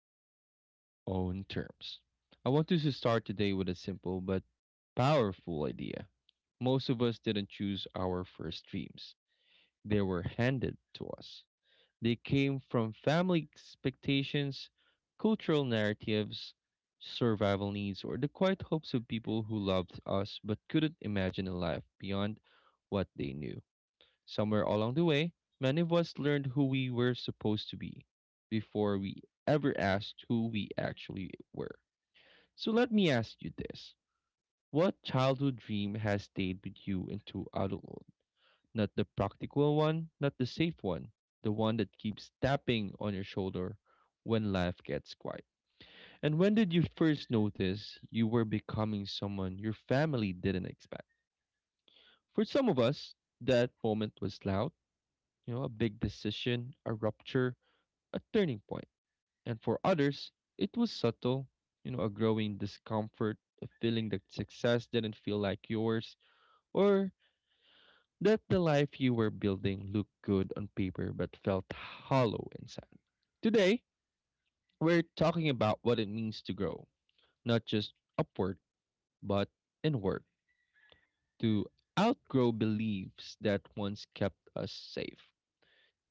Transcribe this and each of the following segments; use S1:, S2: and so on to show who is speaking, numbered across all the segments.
S1: to Grow on Your Own Terms. I want us to start today with a simple but powerful idea. Most of us didn't choose our first dreams, they were handed to us. They came from family expectations, cultural narratives, survival needs, or the quiet hopes of people who loved us but couldn't imagine a life beyond what they knew. Somewhere along the way, many of us learned who we were supposed to be before we ever asked who we actually were. So let me ask you this: what childhood dream has stayed with you into adulthood? Not the practical one, not the safe one, the one that keeps tapping on your shoulder when life gets quiet. And when did you first notice you were becoming someone your family didn't expect? For some of us, that moment was loud, a big decision, a rupture, a turning point. And for others, it was subtle, a growing discomfort, a feeling that success didn't feel like yours, or that the life you were building looked good on paper but felt hollow inside. Today, we're talking about what it means to grow, not just upward, but inward, to outgrow beliefs that once kept us safe,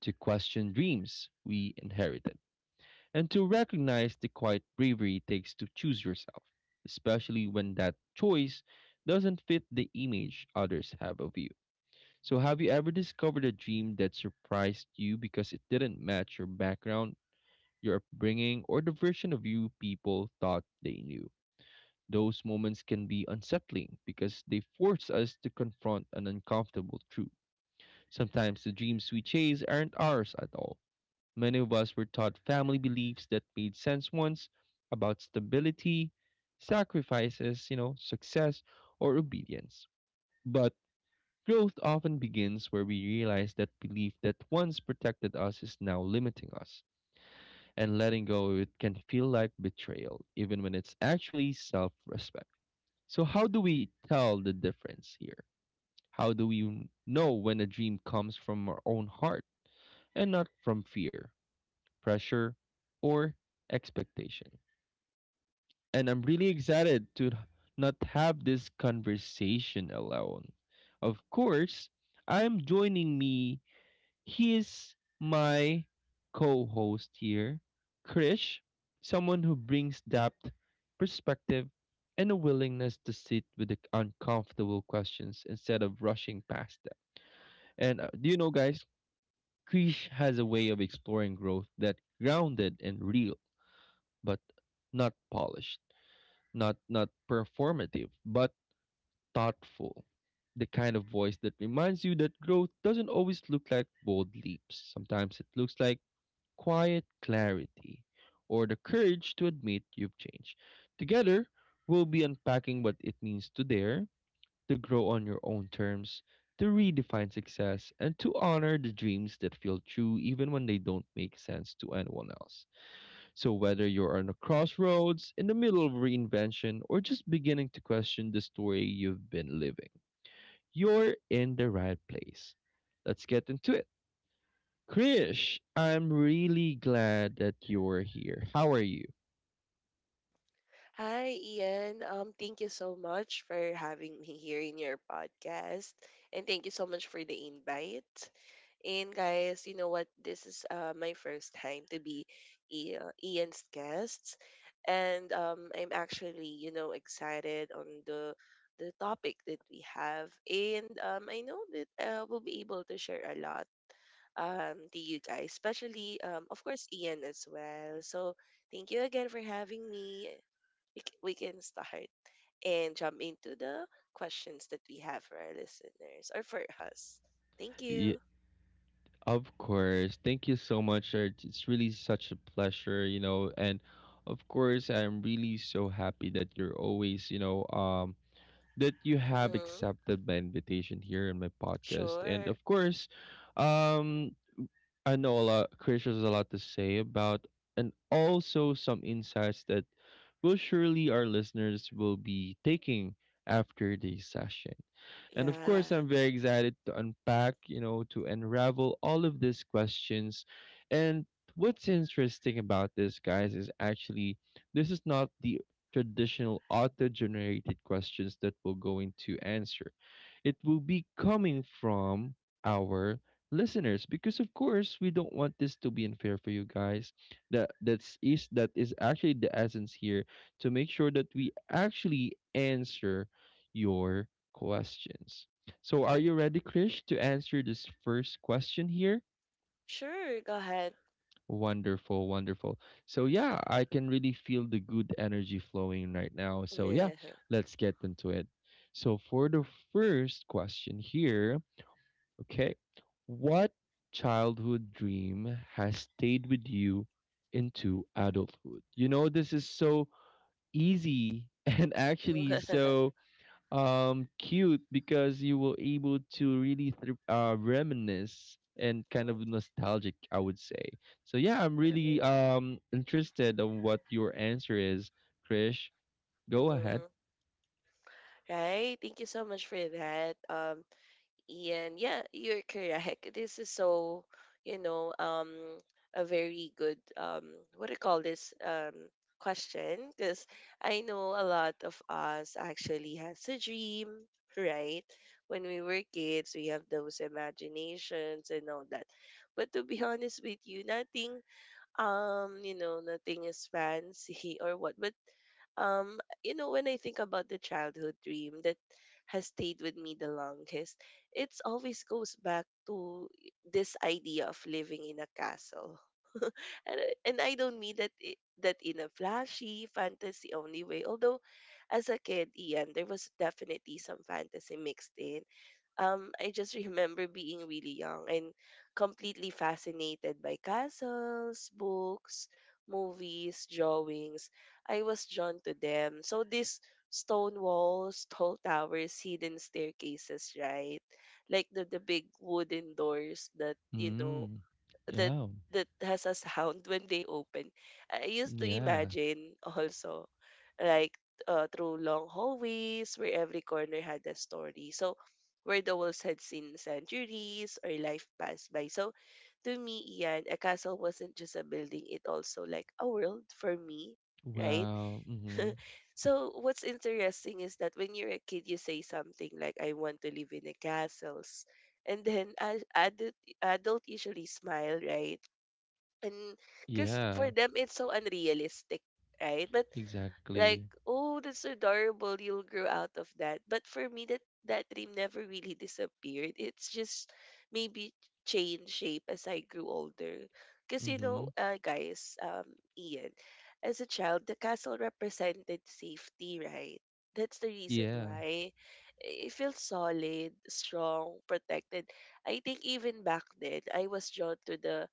S1: to question dreams we inherited and to recognize the quiet bravery it takes to choose yourself, especially when that choice doesn't fit the image others have of you. So, have you ever discovered a dream that surprised you because it didn't match your background, your upbringing, or the version of you people thought they knew? Those moments can be unsettling because they force us to confront an uncomfortable truth. Sometimes the dreams we chase aren't ours at all. Many of us were taught family beliefs that made sense once, about stability, sacrifices, success, or obedience. But growth often begins where we realize that belief that once protected us is now limiting us. And letting go of it can feel like betrayal, even when it's actually self respect. So, how do we tell the difference here? How do we know when a dream comes from our own heart and not from fear, pressure, or expectation? And I'm really excited to not have this conversation alone. Of course, I'm joining me. He is my co-host here, Krish, someone who brings depth, perspective, and a willingness to sit with the uncomfortable questions instead of rushing past them. And do you know, guys, Krish has a way of exploring growth that grounded and real. But not polished, not performative, but thoughtful. The kind of voice that reminds you that growth doesn't always look like bold leaps. Sometimes it looks like quiet clarity or the courage to admit you've changed. Together, we'll be unpacking what it means to dare, to grow on your own terms, to redefine success, and to honor the dreams that feel true even when they don't make sense to anyone else. So, whether you're on a crossroads, in the middle of reinvention, or just beginning to question the story you've been living, you're in the right place. Let's get into it. Krish, I'm really glad that you're here. How are you?
S2: Hi, Ian. Thank you so much for having me here in your podcast. And thank you so much for the invite. And guys, you know what? This is my first time to be Ian's guest. And I'm actually, you know, excited on the topic that we have. And I know that we'll be able to share a lot to you guys, especially, of course, Ian as well. So thank you again for having me. We can start and jump into the questions that we have for our listeners or for us. Thank
S1: Yeah,
S2: you.
S1: of course. Thank you so much. Sir. It's really such a pleasure, and of course, I'm really so happy that you're always, that you have
S2: Mm,
S1: accepted my invitation here in my podcast. And
S2: sure.
S1: of course, um, I know a lot. Chris has a lot to say about, and also some insights that will surely our listeners will be taking after this session. And of
S2: Yeah.
S1: course, I'm very excited to unpack, to unravel all of these questions. And what's interesting about this, guys, is actually this is not the traditional auto generated questions that we're going to answer. It will be coming from our listeners because of course we don't want this to be unfair for you guys, that is actually the essence here, to make sure that we actually answer your questions. So are you ready, Krish, to answer this first question here?
S2: Sure. Go ahead.
S1: Wonderful, wonderful. So yeah, I can really feel the good energy flowing right now, so yeah, let's get into it. So for the first question here. Okay. What childhood dream has stayed with you into adulthood? You know, this is so easy and actually so cute because you were able to really thr reminisce and kind of
S2: Mhm,
S1: nostalgic, I would say. So yeah, I'm really
S2: mhm,
S1: interested on what your answer is, Krish. Go ahead.
S2: mhm. Right. Thank you so much for that. And yeah, you're correct. This is so, you know, a very good, what do you call this, question? Because I know a lot of us actually has a dream, right? When we were kids, we have those imaginations and all that. But to be honest with you, nothing you know nothing is fancy or what, but when I think about the childhood dream that has stayed with me the longest, it's always goes back to this idea of living in a castle. And I don't mean that in a flashy fantasy only way, although as a kid, Ian, there was definitely some fantasy mixed in. I just remember being really young and completely fascinated by castles, books, movies, drawings. I was drawn to them. So these stone walls, tall towers, hidden staircases, right? Like the big wooden doors that, you know,
S1: Mm.
S2: that
S1: Yeah.
S2: has a sound when they open. I used to
S1: Yeah.
S2: imagine also like through long hallways where every corner had a story. So where the walls had seen centuries or life pass by. So to me, Ian, a castle wasn't just a building, it also like a world for me, right?
S1: Wow. Mm-hmm.
S2: So what's interesting is that when you're a kid, you say something like, "I want to live in a castles," and then as adult usually smile, right? And because
S1: Yeah.
S2: for them it's so unrealistic, right? But
S1: Exactly.
S2: like, oh, that's adorable, you'll grow out of that, but for me that dream never really disappeared. It's just maybe changed shape as I grew older, because
S1: Mm-hmm.
S2: guys, Ian, as a child, the castle represented safety, right? That's the reason
S1: Yeah.
S2: why it feels solid, strong, protected. I think even back then I was drawn to the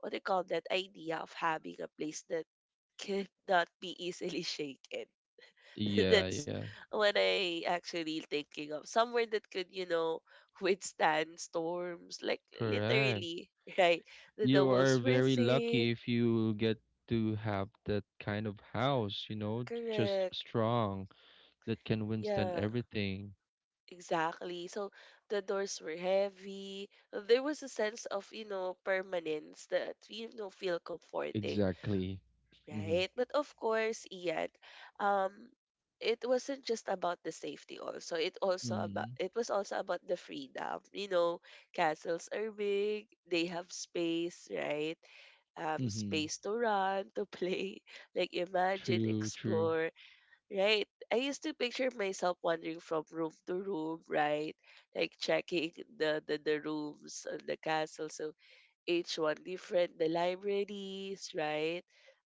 S2: what they call that idea of having a place that could not be easily shaken.
S1: Yeah,
S2: That's
S1: yeah.
S2: what I actually thinking of. Somewhere that could, you know, withstand storms. Like
S1: Correct.
S2: literally, right? The
S1: You are
S2: doubles were
S1: very
S2: thick.
S1: lucky if you get to have that kind of house, you know, just
S2: Correct.
S1: strong that can withstand
S2: Yeah,
S1: everything.
S2: exactly. So the doors were heavy. There was a sense of, you know, permanence that feel comforting.
S1: Exactly. Mm-hmm.
S2: Right? But of course, Ian, um, it wasn't just about the safety also. It also about
S1: Mm-hmm.
S2: it was also about the freedom. You know, castles are big, they have space, right?
S1: Mm-hmm.
S2: Space to run, to play, like imagine,
S1: True, true.
S2: explore, right? I used to picture myself wandering from room to room, right? Like checking the rooms on the castle. So each one different. The libraries, right?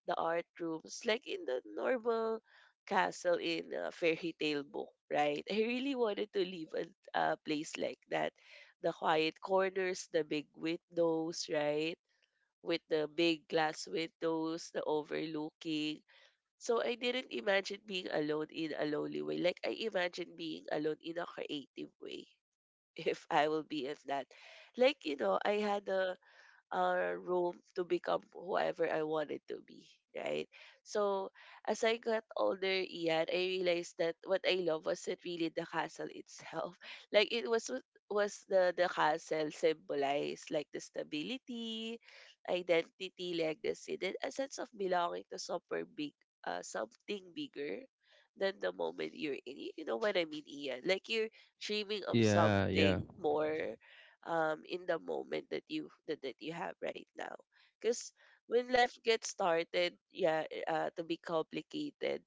S2: The art rooms, like in the normal castle in a fairy tale book, right? I really wanted to live in a place like that. The quiet corners, the big windows, right? With the big glass windows, the overlooking. So I didn't imagine being alone in a lonely way. Like I imagine being alone in a creative way. If I will be in that. Like, you know, I had a room to become whoever I wanted to be, right? So as I got older, Ian, I realized that what I love wasn't really the castle itself. Like it was what was the, castle symbolized, like the stability, identity, legacy, then a sense of belonging to somewhere big, something bigger than the moment you're in. You know what I mean, Ian? Like you're dreaming of
S1: Yeah, yeah.
S2: something more in the moment that that you have right now. Because when life gets started, yeah, to be complicated,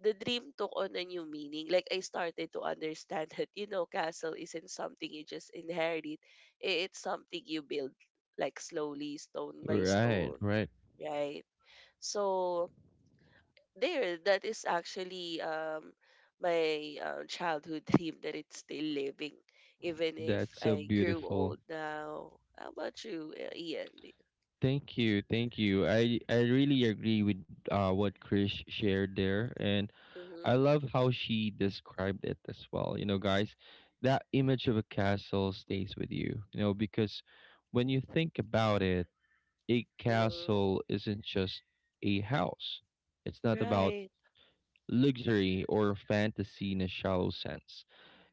S2: the dream took on a new meaning. Like I started to understand that castle isn't something you just inherit. It's something you build, like slowly, stone by
S1: Right,
S2: stone,
S1: right.
S2: right? So there that is actually my childhood dream that it's still living even if
S1: That's so
S2: I grew
S1: beautiful.
S2: old now. How about you, Ian?
S1: Thank you, thank you. I really agree with what Chris shared there and I
S2: Mm-hmm,
S1: love how she described it as well. You know, guys, that image of a castle stays with you, you know, because when you think about it, a
S2: mm-hmm.
S1: castle isn't just a house, it's not about
S2: Right.
S1: luxury or fantasy in a shallow sense,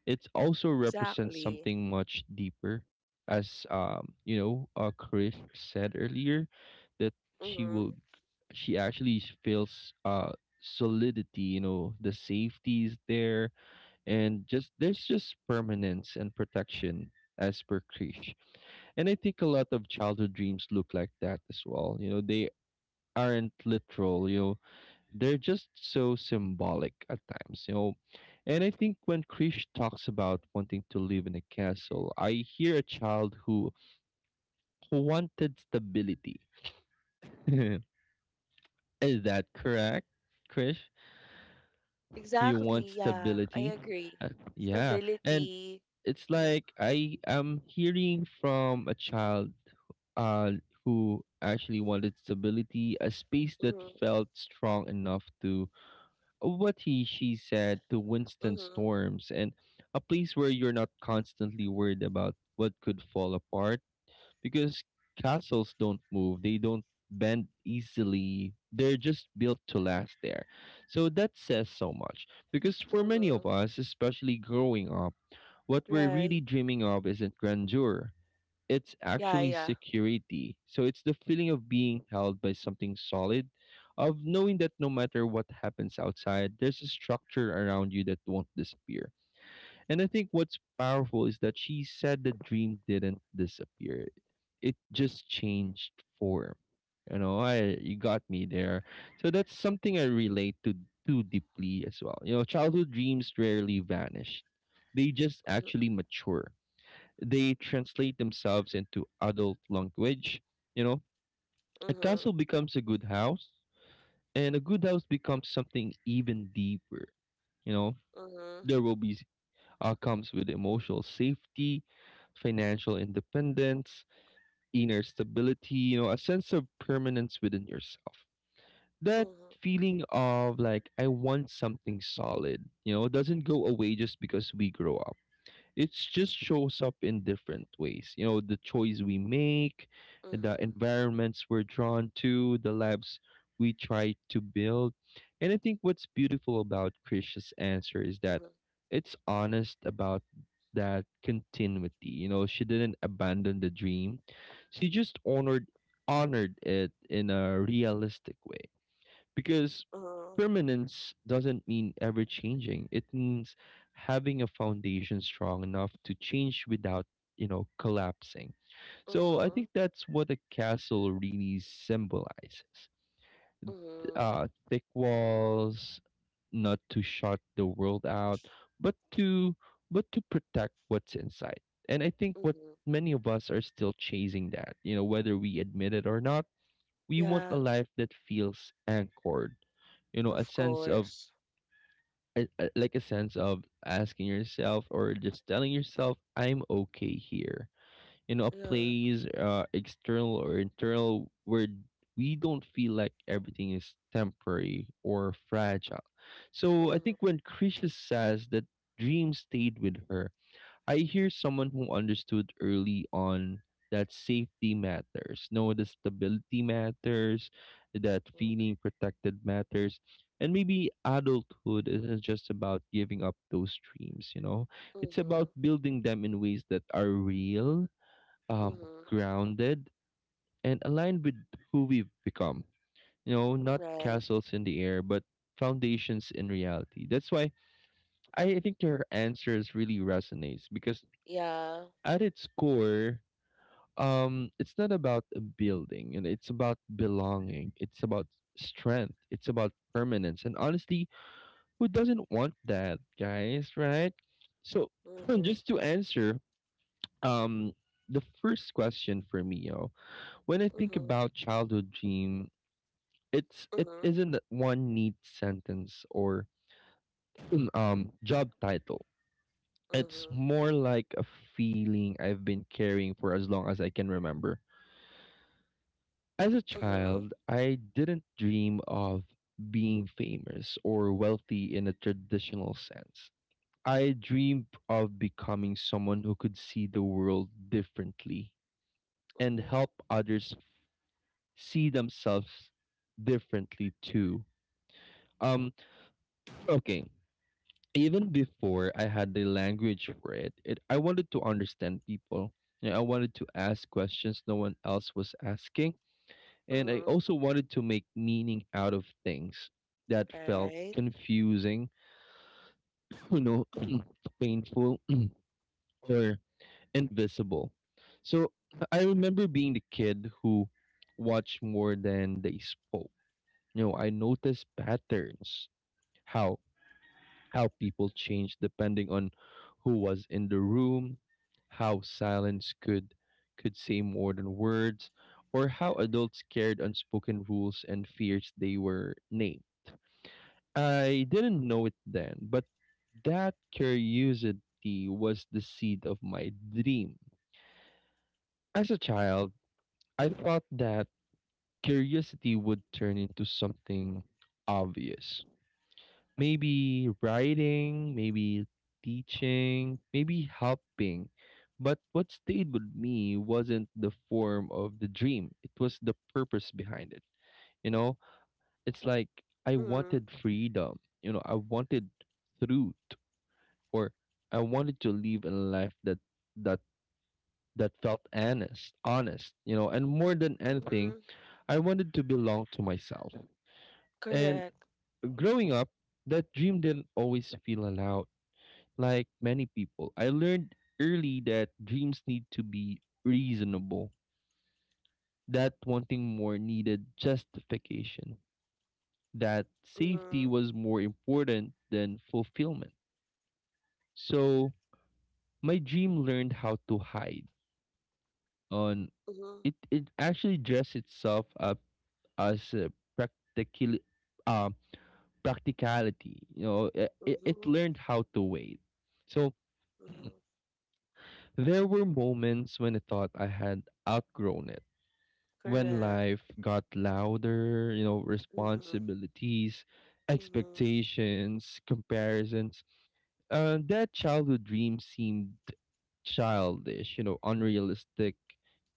S1: it also represents
S2: Exactly.
S1: something much deeper, as Chris said earlier, that she
S2: Mm-hmm.
S1: will, she actually feels solidity. You know, the safety is there, and just there's just permanence and protection as per Krish. And I think a lot of childhood dreams look like that as well. You know, they aren't literal. You know, they're just so symbolic at times, you know. And I think when Krish talks about wanting to live in a castle, I hear a child who wanted stability. Is that correct, Krish? You want
S2: Exactly, yeah, I
S1: stability?
S2: agree.
S1: Uh, yeah. And
S2: Stability.
S1: it's
S2: Mm-hmm,
S1: like I am hearing from a child, uh, who actually wanted stability, a space that
S2: mm-hmm,
S1: felt strong enough to what he she said to Winston
S2: mm-hmm,
S1: Storms, and a place where you're not constantly worried about what could fall apart because castles don't move, they don't bend easily. They're just built to last there. So that says so much because for many
S2: mm-hmm.
S1: of us, especially growing up, what we're
S2: Right.
S1: really dreaming of isn't grandeur, it's
S2: Yeah,
S1: actually
S2: yeah.
S1: security. So it's the feeling of being held by something solid, of knowing that no matter what happens outside, there's a structure around you that won't disappear. And I think what's powerful is that she said the dream didn't disappear. It just changed form. You know, I you got me there. So that's something I relate to too deeply as well. You know, childhood dreams rarely vanish. They just
S2: Mm-hmm,
S1: actually mature, they translate themselves into adult language. You know, a
S2: mm-hmm,
S1: castle becomes a good house, and a good house becomes something even deeper. You know,
S2: mm-hmm,
S1: there will be comes with emotional safety, financial independence, inner stability. You know, a sense of permanence within yourself. That
S2: mm-hmm,
S1: feeling of like I want something solid. You know, doesn't go away just because we grow up, it just shows up in different ways, you know, the choice we make, the environments we're drawn to, the lives we try to build. And I think what's beautiful about Krish's answer is that
S2: mm-hmm,
S1: it's honest about that continuity. You know, she didn't abandon the dream, she just honored it in a realistic way because
S2: mm-hmm,
S1: permanence doesn't mean ever changing. It means having a foundation strong enough to change without, you know, collapsing. So I
S2: mm-hmm.
S1: think that's what a castle really symbolizes.
S2: Mm-hmm.
S1: Thick walls, not to shut the world out, but to but to protect what's inside. And I think what
S2: Mhm.
S1: many of us are still chasing that, you know, whether we admit it or not, we want
S2: Yeah,
S1: a life that feels anchored. You know, a
S2: of
S1: sense of
S2: course.
S1: like a sense of asking yourself or just telling yourself, "I'm okay here." You know, a
S2: Yeah.
S1: place, external or internal, where we don't feel like everything is temporary or fragile. So I
S2: Mhm.
S1: think when Krisha says that dream stayed with her, I hear someone who understood early on that safety matters, no, the stability matters, that
S2: Mhm.
S1: feeling protected matters. And maybe adulthood isn't just about giving up those dreams, you know? It's
S2: Mhm.
S1: about building them in ways that are real, um,
S2: Mhm.
S1: grounded, and aligned with who we've become. You know, not
S2: Right.
S1: castles in the air, but foundations in reality. That's why I think your answers really resonates because
S2: Yeah.
S1: at its core, it's not about a building, and it's about belonging, it's about strength, it's about permanence, and honestly, who doesn't want that, guys, right? So
S2: Mhm.
S1: just to answer um the first question for me, yo, when I think
S2: Mhm.
S1: about childhood dream, it
S2: Mhm.
S1: isn't one neat sentence or job title. It's
S2: Mhm.
S1: more like a feeling I've been carrying for as long as I can remember. As a
S2: Mhm.
S1: child, I didn't dream of being famous or wealthy in a traditional sense. I dreamed of becoming someone who could see the world differently and
S2: Mhm.
S1: help others see themselves differently too. Um okay, even before I had the language for it, I wanted to understand people. You know, I wanted to ask questions no one else was asking. And I
S2: Mhm.
S1: also wanted to make meaning out of things that felt
S2: Right.
S1: confusing, you know, painful or invisible. So I remember being the kid who watched more than they spoke. You know, I noticed patterns, how how people changed depending on who was in the room, how silence could say more than words, or how adults cared unspoken rules and fears they were named. I didn't know it then, but that curiosity was the seed of my dream. As a child, I thought that curiosity would turn into something obvious. Maybe writing, maybe teaching, maybe helping. But what stayed with me wasn't the form of the dream, it was the purpose behind it. You know, it's like I
S2: Mhm.
S1: wanted freedom, you know, I wanted truth. Or I wanted to live a life that that felt honest, honest, you know, and more than anything,
S2: Mhm.
S1: I wanted to belong to myself. And
S2: Correct.
S1: growing up, that dream didn't always feel allowed. Like many people, I learned early that dreams need to be reasonable, that wanting more needed justification, that safety
S2: Mhm.
S1: was more important than fulfillment. So my dream learned how to hide on.
S2: Mhm.
S1: It actually dressed itself up as a practically um practicality. You know, it
S2: Mhm.
S1: learned how to wait. So
S2: Mhm.
S1: there were moments when I thought I had outgrown it. When
S2: Correct.
S1: life got louder, you know,
S2: Mhm.
S1: responsibilities,
S2: Mhm.
S1: expectations, comparisons. That childhood dream seemed childish, you know, unrealistic,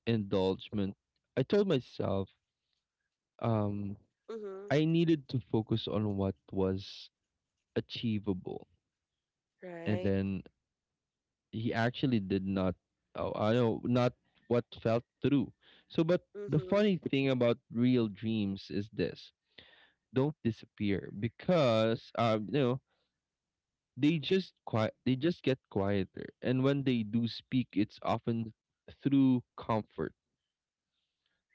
S1: indulgent. I told myself, um,
S2: Mhm.
S1: I needed to focus on what was achievable, and
S2: Right.
S1: then he actually did not. Oh, I know not what felt true. So, but the
S2: Mhm.
S1: funny thing about real dreams is this: don't disappear because they just quiet. They just get quieter, and when they do speak, it's often through comfort.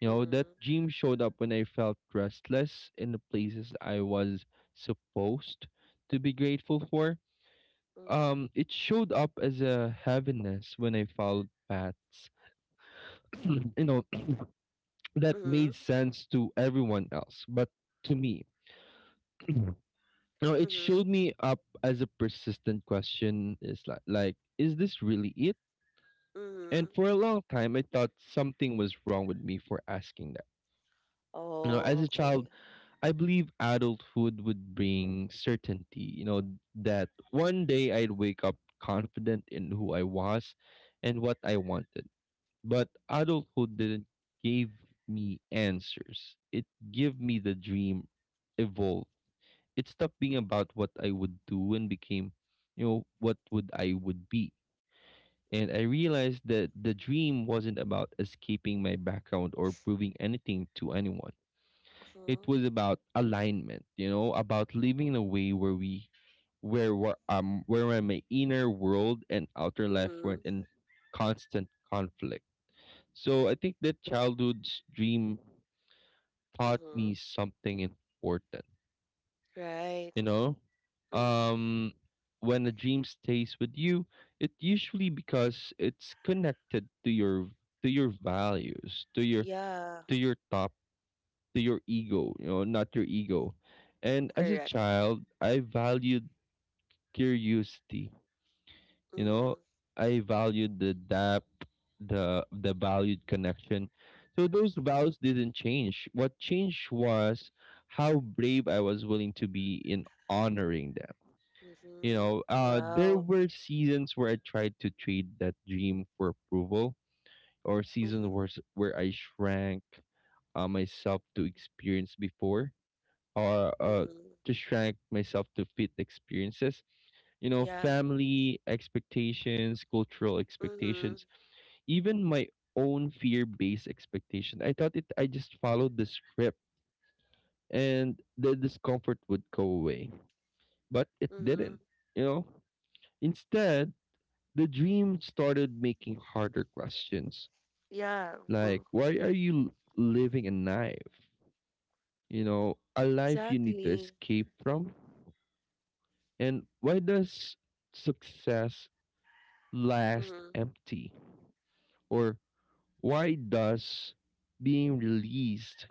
S1: You know, that
S2: Mhm.
S1: dream showed up when I felt restless in the places I was supposed to be grateful for.
S2: Mhm.
S1: It showed up as a heaviness when I followed paths, you know, that made
S2: Mhm.
S1: sense to everyone else, but to me, you know, it showed
S2: Mhm.
S1: me up as a persistent question. Is like, is this really it? And
S2: Mhm.
S1: for a long time, I thought something was wrong with me for asking that. You know, as a
S2: Oh,
S1: child,
S2: okay.
S1: I believe adulthood would bring certainty. You know, that one day I'd wake up confident in who I was and what I wanted. But adulthood didn't give me answers. It gave me the dream evolved. It stopped being about what I would do and became, you know, what would I would be. And I realized that the dream wasn't about escaping my background or proving anything to anyone. It
S2: Mhm.
S1: was about alignment, you know, about living in a way where we where were where my inner world and outer life weren't
S2: Mhm.
S1: in constant conflict. So I think that childhood's dream taught me
S2: Mhm.
S1: something important.
S2: Right.
S1: You know,
S2: Mhm.
S1: um, when a dream stays with you, it usually because it's connected to your values, to your
S2: Yeah.
S1: to your top, to your ego. You know, not your ego. And as a
S2: Correct.
S1: child, I valued curiosity. You know,
S2: Mhm.
S1: I valued the depth, the valued connection. So those vows didn't change. What changed was how brave I was willing to be in honoring them. You
S2: Mhm.
S1: know, there
S2: Wow.
S1: were seasons where I tried to trade that dream for approval, or seasons
S2: Mhm.
S1: where I shrank myself to experience before, or
S2: Mhm.
S1: to shrank myself to fit experiences, you know,
S2: Yeah.
S1: family expectations, cultural
S2: Mhm.
S1: expectations, even my own fear-based expectation. I thought it I just followed the script and the discomfort would go away, but it didn't,
S2: Mhm.
S1: you know? Instead, the dream started making harder questions,
S2: Yeah.
S1: like
S2: Mm.
S1: why are you living a knife? You know, a life you need to
S2: Exactly.
S1: escape from? And why does success last
S2: Mhm.
S1: empty? Or why does being released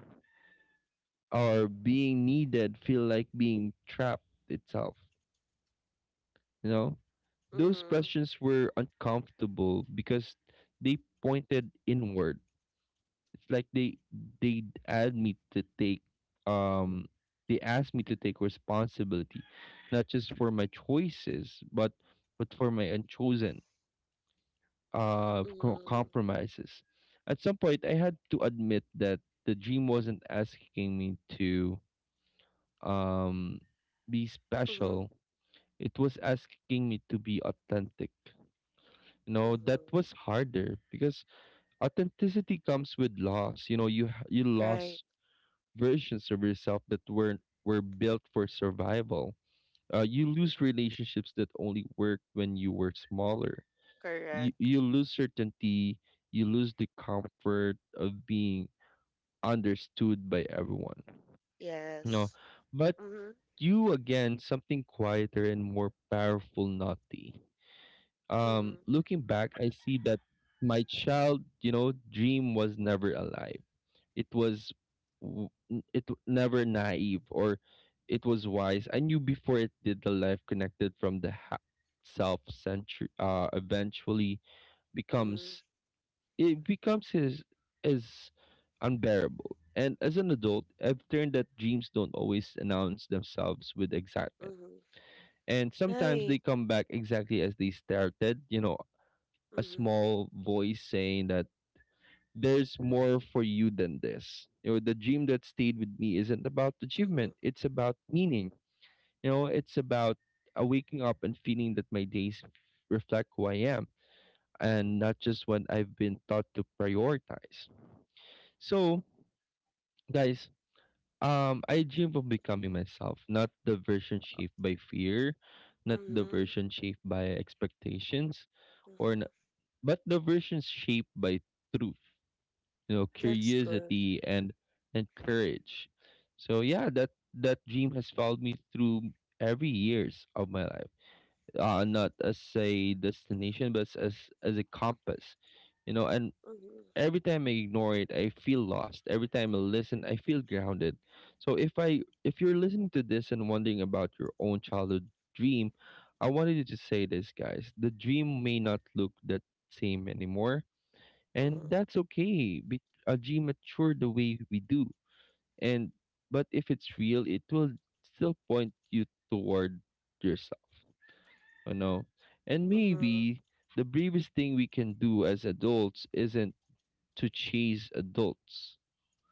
S1: or being needed feel like being trapped itself? You know, those
S2: Mhm.
S1: questions were uncomfortable because they pointed inward. It's like they asked me to take um responsibility, not just for my choices, but for my unchosen
S2: Mhm.
S1: compromises. At some point, I had to admit that the dream wasn't asking me to um, be
S2: Mhm.
S1: special. It was asking me to be authentic. You know, that
S2: Mhm.
S1: was harder because authenticity comes with loss. You know, you
S2: Right.
S1: lost versions of yourself that weren't were built for survival. You lose
S2: Mhm.
S1: relationships that only worked when you were smaller,
S2: Correct.
S1: you lose certainty, you lose the comfort of being understood by everyone. No,
S2: Yes.
S1: but
S2: Mhm.
S1: you again something quieter and more powerful, naughty.
S2: Mhm.
S1: Looking back, I see that my child, you know, dream was never alive. It was, never naive, or it was wise. I knew before it did the life connected from the self century eventually
S2: Mhm.
S1: becomes, it becomes his is unbearable. And as an adult, I've learned that dreams don't always announce themselves with excitement.
S2: Mhm.
S1: And sometimes they
S2: Right.
S1: come back exactly as they started, you know, a
S2: Mhm.
S1: small voice saying that there's more for you than this. You know, the dream that stayed with me isn't about achievement,
S2: Mhm.
S1: it's about meaning. You know, it's about waking up and feeling that my days reflect who I am and not just what I've been taught to prioritize. So, guys, I dream of becoming myself, not the version shaped by fear, not the
S2: Mhm.
S1: version shaped by expectations, or n-
S2: Mhm.
S1: but the version shaped by truth, you know,
S2: That's good.
S1: curiosity and courage. So yeah, that that dream has followed me through every years of my life. Not as a destination, but as a compass, you know. And
S2: Mhm.
S1: every time I ignore it, I feel lost. Every time I listen, I feel grounded. So if you're listening to this and wondering about your own childhood dream, I wanted you to say this, guys. The dream may not look that same anymore, and
S2: Mhm.
S1: that's okay. A dream mature the way we do. And but if it's real, it will still point you toward yourself, you know. And
S2: Mhm.
S1: maybe the bravest thing we can do as adults isn't to chase adults,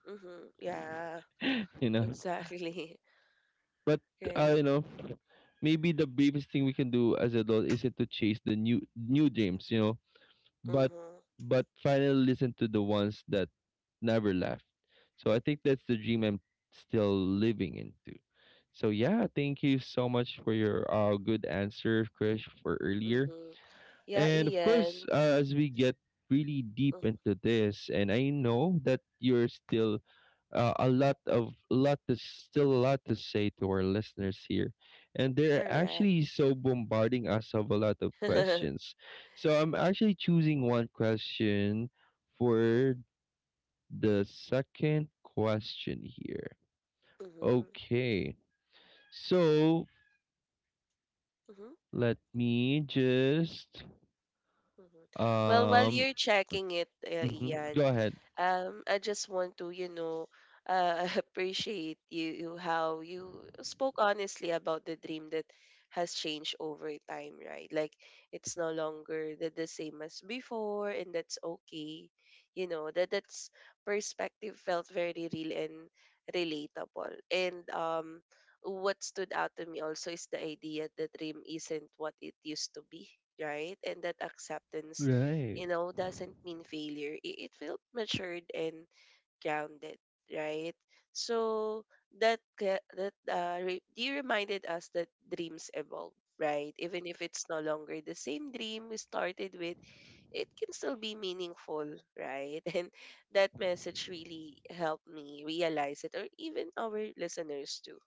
S2: Mhm. Yeah,
S1: you know,
S2: exactly.
S1: but I
S2: Right.
S1: you know maybe the bravest thing we can do as adults isn't to chase the new dreams, you know, but
S2: Mhm.
S1: but finally listen to the ones that never left. So I think that's the dream I'm still living into. So yeah, thank you so much for your good answer, Krish, for earlier.
S2: Mhm. Yeah,
S1: And of course,
S2: Ian.
S1: as we get really deep
S2: Mhm.
S1: into this, and I know that you're still a lot to say to our listeners here, and they're
S2: Correct.
S1: actually so bombarding us of a lot of questions. So I'm actually choosing one question
S2: Mhm.
S1: for the second question here.
S2: Mhm.
S1: Okay, so
S2: Mhm.
S1: let me just
S2: Mhm. Well, while
S1: um
S2: you're checking it,
S1: mhm,
S2: Ian,
S1: go ahead.
S2: I just want to, you know, appreciate you, how you spoke honestly about the dream that has changed over time, right? Like it's no longer the same as before, and that's okay. You know that that's perspective felt very real and relatable, and what stood out to me also is the idea that dream isn't what it used to be, right? And that acceptance,
S1: Right.
S2: doesn't mean failure. It felt matured and grounded, right? So that ca- that re- you reminded us that dreams evolve, right? Even if it's no longer the same dream we started with, it can still be meaningful, right? And that message really helped me realize it, or even our listeners too.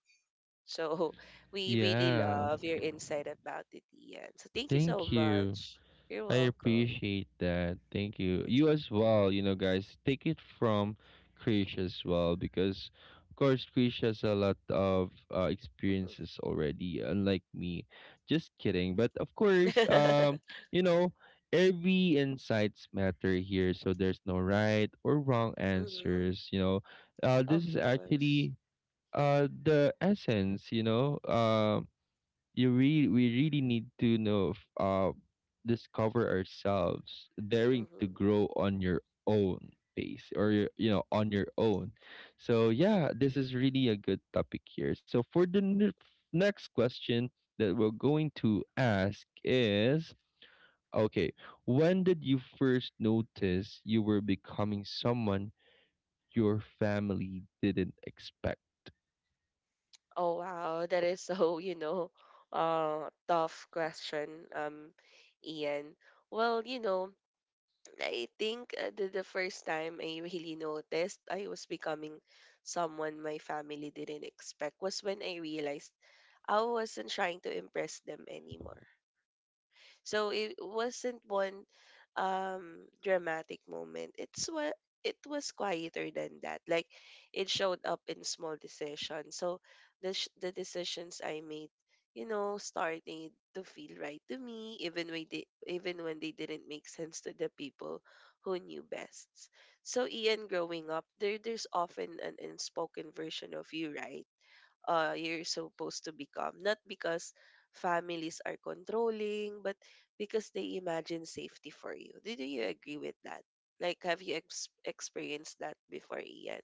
S2: So we really
S1: Yeah,
S2: love your insight about it, Ian. So thank you so
S1: thank you.
S2: much. You're
S1: I
S2: welcome.
S1: appreciate that. Thank you. You as
S2: Mm-hmm.
S1: well, you know, guys. Take it from Krish as well because, of course, Krish has a lot of experiences already, unlike me. Just kidding. But of course,
S2: Mm-hmm.
S1: you know, every insights matter here, so there's no right or wrong
S2: Hmm.
S1: answers. You know,
S2: Of
S1: this is
S2: course.
S1: actually the essence. You know, you really we really need to know discover ourselves daring to
S2: Mm-hmm.
S1: grow on your own pace or you know, on your own. So yeah,
S2: Mm-hmm.
S1: this is really a good topic here. So for the next question that we're going to ask is, okay, when did you first notice you were becoming someone your family didn't expect?
S2: Oh wow, that is so, you know, tough question, um, Ian. Well, you know, I think the first time I really noticed I was becoming someone my family didn't expect was when I realized I wasn't trying to impress them anymore. So it wasn't one dramatic moment. It was quieter than that. Like it showed up in small decisions. So the decisions I made, you know, starting to feel right to me, even when they didn't make sense to the people who knew best. So Ian, growing up, there's often an unspoken version of you, right? You're supposed to become. Not because families are controlling, but because they imagine safety for you. Do you agree with that? Like, have you experienced that before, Ian?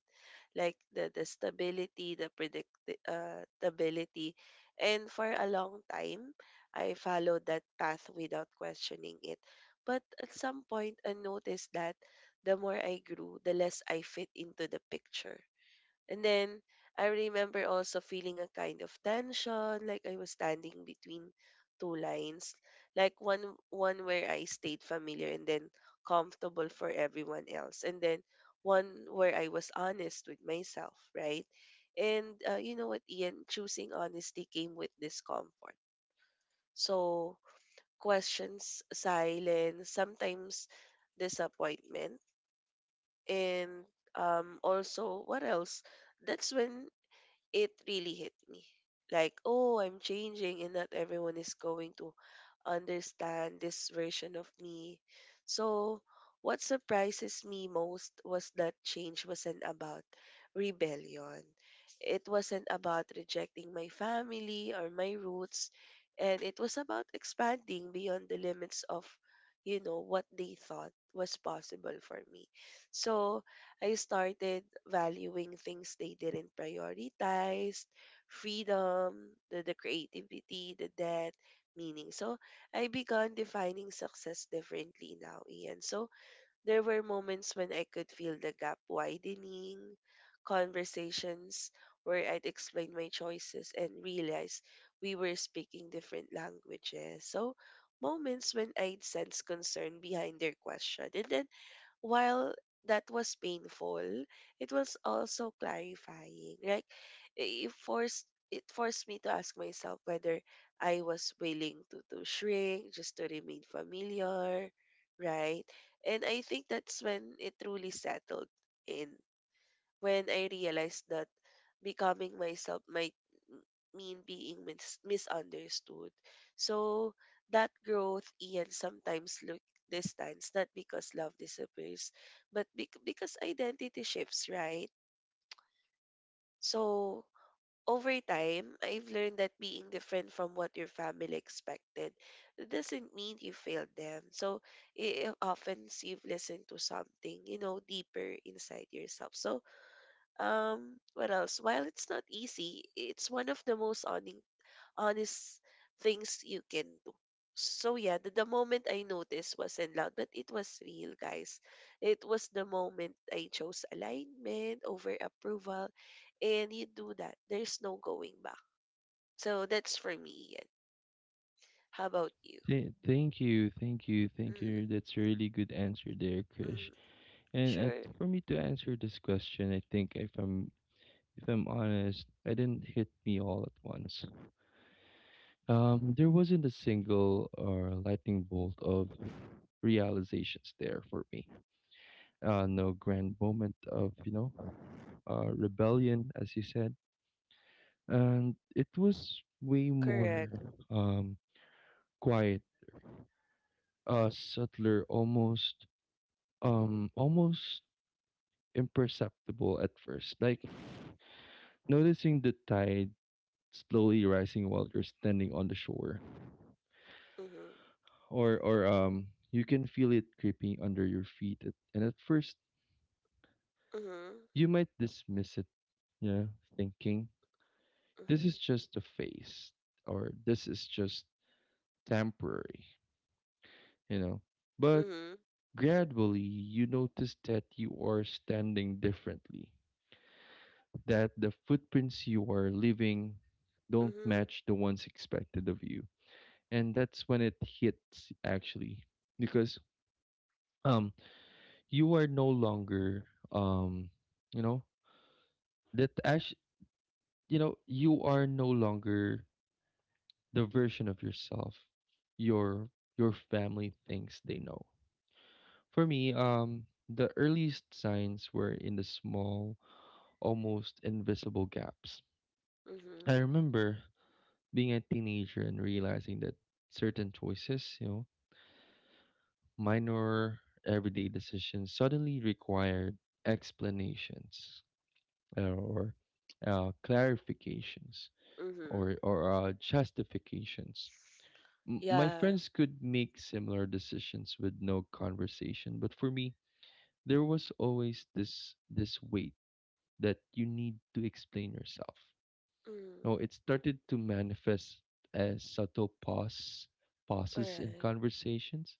S2: Like the stability, the predictability, stability. And for a long time, I followed that path without questioning it. But at some point, I noticed that the more I grew, the less I fit into the picture. And then I remember also feeling a kind of tension, like I was standing between two lines, like one where I stayed familiar and then comfortable for everyone else, and then one where I was honest with myself, right? And you know what, Ian, choosing honesty came with discomfort. So questions, silence, sometimes disappointment, and also what else? That's when it really hit me. Like, oh, I'm changing and not everyone is going to understand this version of me. So, what surprises me most was that change wasn't about rebellion. It wasn't about rejecting my family or my roots, and it was about expanding beyond the limits of, you know, what they thought was possible for me. So, I started valuing things they didn't prioritize, freedom, the creativity, the depth, meaning. So I began defining success differently now, Ian. So there were moments when I could feel the gap widening, conversations where I'd explain my choices and realize we were speaking different languages. So moments when I'd sense concern behind their question. And then while that was painful, it was also clarifying. Like it forced me to ask myself whether I was willing to, shrink just to remain familiar, right? And I think that's when it truly settled in. When I realized that becoming myself might m- mean being misunderstood. So that growth, Ian, sometimes look distance, not because love disappears, but because identity shifts, right? So over time, I've learned that being different from what your family expected doesn't mean you failed them. So it often you've listened to something, deeper inside yourself. So what else? While it's not easy, it's one of the most honest things you can do. So yeah, the moment I noticed wasn't loud, but it was real, guys. It was the moment I chose alignment over approval, and you do that. There's no going back. So that's for me, Ian. How about you?
S1: Thank you, thank you, thank
S2: Mm,
S1: you, that's a really good answer there, Krish.
S2: mm,
S1: And
S2: sure,
S1: for me to answer this question, I think if I'm honest, I didn't hit me all at once. There wasn't a single or lightning bolt of realizations there for me. No grand moment of, you know, rebellion, as you said, and it was way more
S2: correct.
S1: um, quiet, subtler, almost um, almost imperceptible at first. Like noticing the tide slowly rising while you're standing on the shore.
S2: Mm-hmm,
S1: Or you can feel it creeping under your feet and at first
S2: mm-hmm,
S1: you might dismiss it, you know, thinking this is just a phase or this is just temporary, you know. But
S2: mm-hmm,
S1: gradually you notice that you are standing differently, that the footprints you are leaving don't
S2: mm-hmm,
S1: match the ones expected of you. And that's when it hits actually because um you are no longer um you know that actually, you are no longer the version of yourself, your your family thinks they know. For me, the earliest signs were in the small, almost invisible gaps.
S2: mm-hmm, mm-hmm,
S1: I remember being a teenager and realizing that certain choices, you know, minor everyday decisions suddenly required explanations, uh, or clarifications,
S2: mm-hmm.
S1: or justifications. My
S2: Yeah.
S1: friends could make similar decisions with no conversation, but for me, there was always this weight that you need to explain yourself. No,
S2: Mm.
S1: it started to manifest as subtle pauses in
S2: Alright.
S1: conversations.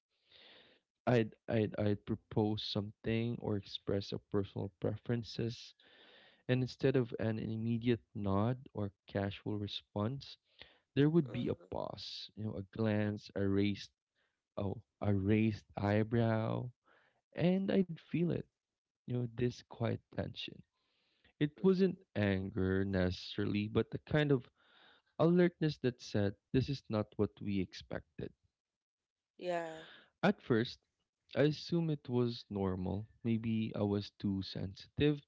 S1: I'd propose something or express a personal preferences. And instead of an immediate nod or casual response, there would be a
S2: Mhm.
S1: pause, you know, a glance, a raised eyebrow, and I'd feel it, you know, this quiet tension. It wasn't
S2: Mhm.
S1: anger necessarily, but the kind of alertness that said, this is not what we expected.
S2: Yeah.
S1: At first, I assume it was normal. Maybe I was too sensitive.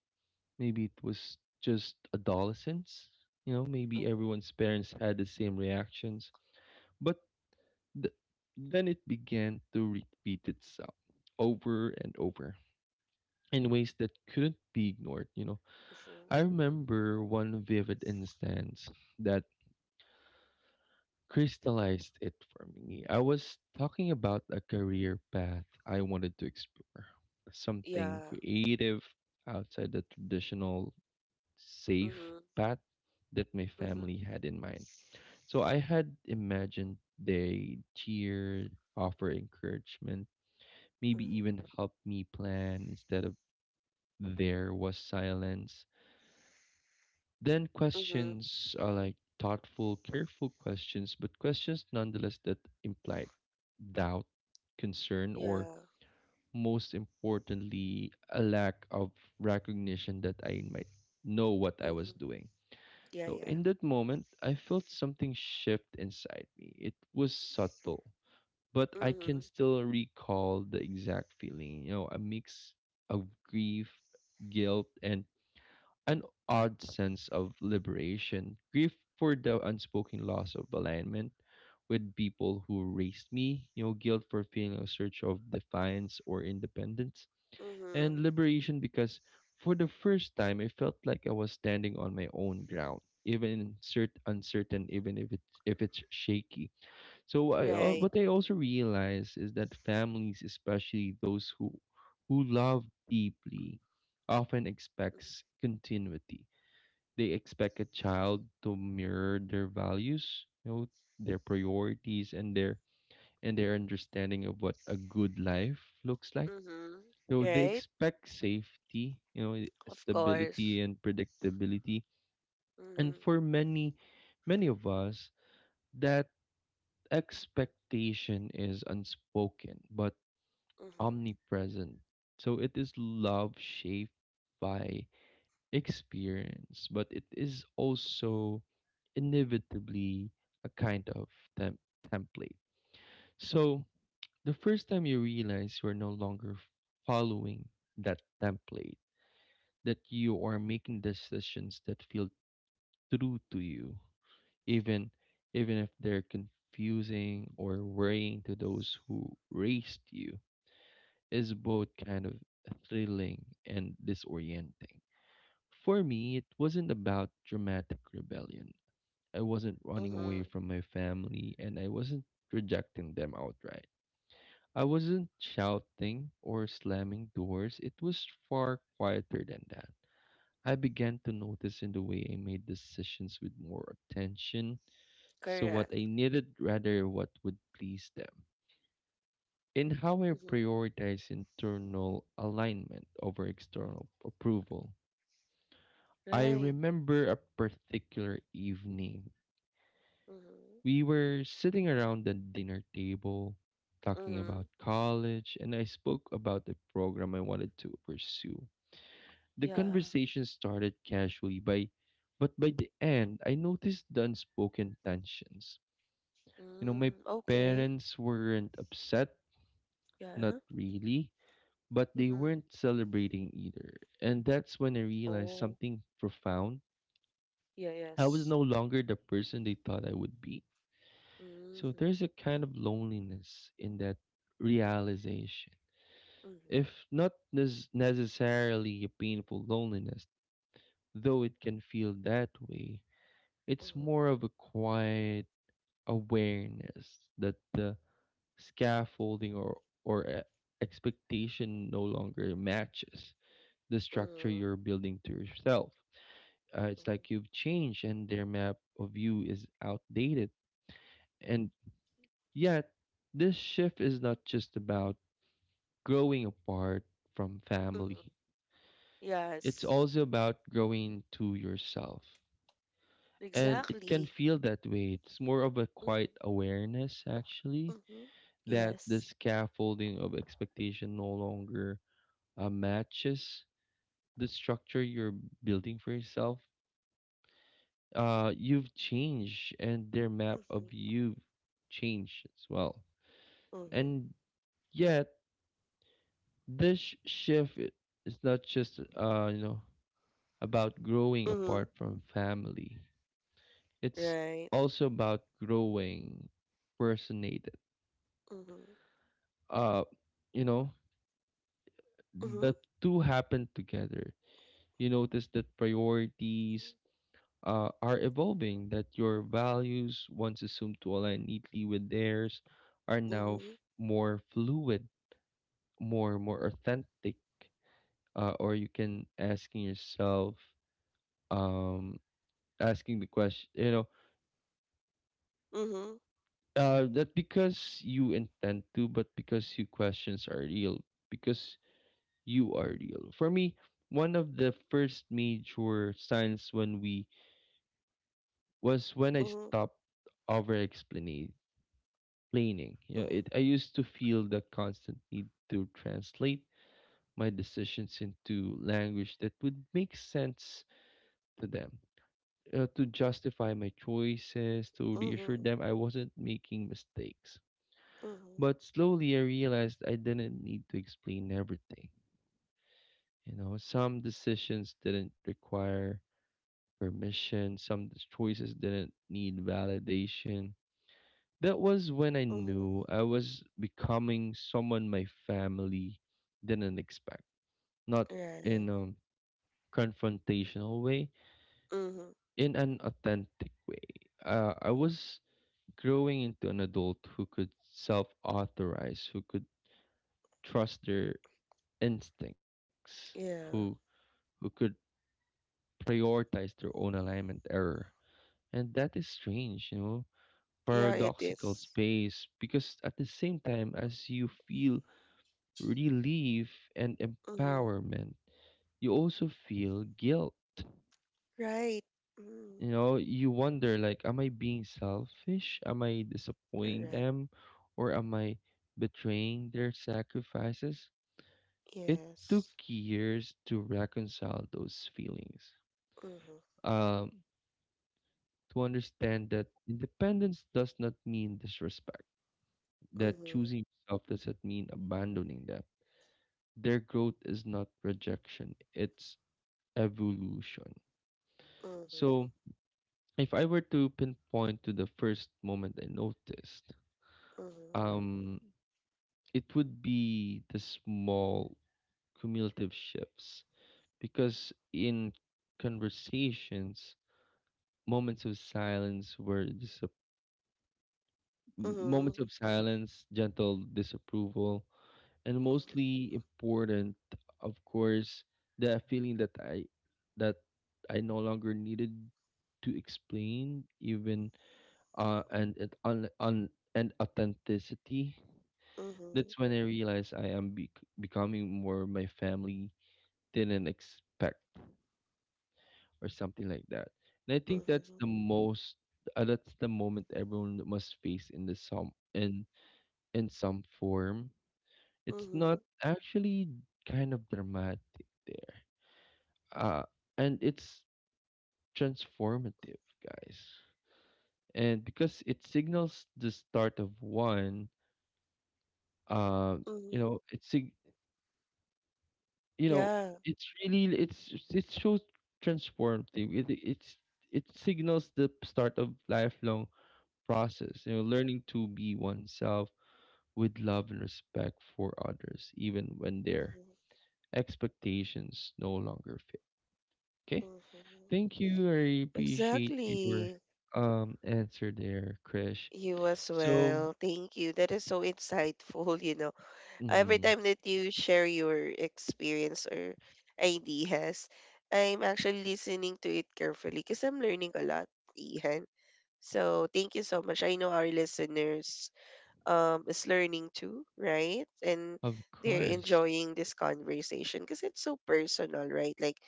S1: Maybe it was just adolescence. You know, maybe
S2: Mhm.
S1: everyone's parents had the same reactions. But th- then it began to repeat itself over and over in ways that couldn't be ignored. You know,
S2: Mhm.
S1: I remember one vivid instance that crystallized it for me. I was talking about a career path I wanted to explore, something
S2: Yeah.
S1: creative outside the traditional safe
S2: Mhm.
S1: path that my family
S2: Mhm.
S1: had in mind. So I had imagined they cheered, offer encouragement, maybe
S2: Mhm.
S1: even help me plan instead of there was silence. Then
S2: Mhm.
S1: questions are like thoughtful, careful questions, but questions nonetheless that implied doubt, concern, or
S2: Yeah.
S1: most importantly, a lack of recognition that I might know what I was
S2: Mhm.
S1: doing.
S2: Yeah.
S1: So
S2: Yeah.
S1: in that moment, I felt something shift inside me. It was subtle, but I can
S2: Mhm.
S1: still recall the exact feeling. You know, a mix of grief, guilt, and an odd sense of liberation. Grief for the unspoken loss of alignment with people who raised me, you know, guilt for feeling a search of defiance or independence,
S2: Mhm.
S1: and liberation because for the first time I felt like I was standing on my own ground, even uncertain, even if it's shaky. So I
S2: Right.
S1: What I also realize is that families, especially those who love deeply, often expects continuity. They expect a child to mirror their values, you know, their priorities and their understanding of what a good life looks like,
S2: Mhm.
S1: so they
S2: Right.
S1: expect safety, you know,
S2: Of course.
S1: stability and predictability. And
S2: Mhm.
S1: for many, many of us, that expectation is unspoken but
S2: Mhm.
S1: omnipresent. So it is love shaped by experience, but it is also inevitably a kind of temp- template. So the first time you realize you're no longer following that template, that you are making decisions that feel true to you, even even if they're confusing or worrying to those who raised you, is both kind of thrilling and disorienting. For me, it wasn't about dramatic rebellion. I wasn't running away
S2: Mhm.
S1: from my family, and I wasn't rejecting them outright. I wasn't shouting or slamming doors. It was far quieter than that. I began to notice in the way I made decisions with more attention, so
S2: Correct.
S1: what I needed rather what would please them, and how I
S2: Mhm.
S1: prioritize internal alignment over external approval. I
S2: Right.
S1: remember a particular evening.
S2: Mhm.
S1: We were sitting around the dinner table talking about
S2: Mhm.
S1: college, and I spoke about the program I wanted to pursue. The
S2: Yeah.
S1: conversation started casually, by but by the end I noticed the unspoken tensions. You know, my
S2: Mm. Okay.
S1: parents weren't upset, not
S2: Yeah.
S1: really, but they
S2: Mhm.
S1: weren't celebrating either. And that's when I realized
S2: Oh.
S1: something profound.
S2: Yeah.
S1: I was
S2: Yes.
S1: no longer the person they thought I would be. So
S2: Mhm.
S1: there's a kind of loneliness in that realization.
S2: Mhm.
S1: If not necessarily a painful loneliness, though it can feel that way, it's
S2: Mhm.
S1: more of a quiet awareness that the scaffolding or expectation no longer matches the structure
S2: Mhm.
S1: you're building to yourself. It's
S2: Mhm,
S1: like you've changed and their map of you is outdated. And yet, this shift is not just about growing apart from family.
S2: mhm.
S1: It's
S2: Yes,
S1: also about growing to yourself. And it can
S2: exactly.
S1: feel that way. It's more of a
S2: Mhm,
S1: quiet awareness, actually.
S2: mhm.
S1: That the
S2: Yes.
S1: scaffolding of expectation no longer matches the structure you're building for yourself. You've changed, and their map of
S2: Mhm,
S1: you changed as well.
S2: mhm,
S1: And yet, this shift is not just about growing
S2: mhm.
S1: apart from family. It's
S2: Right.
S1: also about growing personated.
S2: Mhm,
S1: Uh, you know,
S2: mhm,
S1: the two happen together. You notice that priorities are evolving, that your values, once assumed to align neatly with theirs, are now
S2: mhm,
S1: more fluid, more authentic. Or you can asking yourself, um, asking the question,
S2: mhm,
S1: not because you intend to, but because your questions are real, because you are real. For me, one of the first major signs when we was when I
S2: mhm,
S1: stopped over explaining. You know, it I used to feel the constant need to translate my decisions into language that would make sense to them, to justify my choices, to reassure
S2: mhm,
S1: them I wasn't making mistakes.
S2: mhm, mhm,
S1: But slowly I realized I didn't need to explain everything. You know, some decisions didn't require permission, some choices didn't need validation. That was when I
S2: mhm.
S1: knew I was becoming someone my family didn't expect. Not
S2: Right.
S1: in a confrontational way,
S2: Mhm.
S1: in an authentic way. I was growing into an adult who could self authorize, who could trust their instincts, who
S2: Yeah.
S1: who could prioritize their own alignment error. And that is strange, you know,
S2: Yeah, it
S1: paradoxical
S2: is.
S1: space, because at the same time as you feel relief and
S2: Mm-hmm.
S1: empowerment, you also feel guilt.
S2: Right. Mm-hmm.
S1: You know, you wonder, like, am I being selfish? Am I disappointing
S2: Correct.
S1: them? Or am I betraying their sacrifices? It took
S2: Yes.
S1: years to reconcile those feelings,
S2: Mm-hmm.
S1: um to understand that independence does not mean disrespect, that
S2: Mm-hmm.
S1: choosing yourself doesn't mean abandoning them. Their growth is not rejection, it's evolution.
S2: Mm-hmm.
S1: So if I were to pinpoint to the first moment I noticed, um, it would be the small cumulative shifts, because in conversations, moments of silence were disap-
S2: Mm-hmm.
S1: moments of silence, gentle disapproval, and mostly important, of course, the feeling that that I no longer needed to explain, even, and it on and authenticity.
S2: Mm-hmm. Mm-hmm.
S1: That's when I realized I am becoming more my family didn't expect, or something like that. And I think that's the moment everyone must face in the some in some form. It's
S2: Mm-hmm.
S1: not actually kind of dramatic there. Uh and it's transformative, guys. And because it signals the start of one, uh you
S2: Mm-hmm.
S1: know it's you know
S2: Yeah.
S1: it's really it's it shows transformative. it, it's it signals the start of lifelong process. You know, learning to be oneself with love and respect for others even when their
S2: Hmm.
S1: expectations no longer fit. Okay.
S2: Hmm.
S1: Thank you, I appreciate your
S2: Exactly.
S1: answer there, Krish.
S2: You as
S1: So,
S2: well. Thank you. That is so insightful, you know. Every
S1: mhm.
S2: time that you share your experience or ideas, I'm actually listening to it carefully because I'm learning a lot, Ihan. So thank you so much. I know our listeners is learning too, right? And
S1: Of
S2: they're
S1: course.
S2: enjoying this conversation because it's so personal, right? Like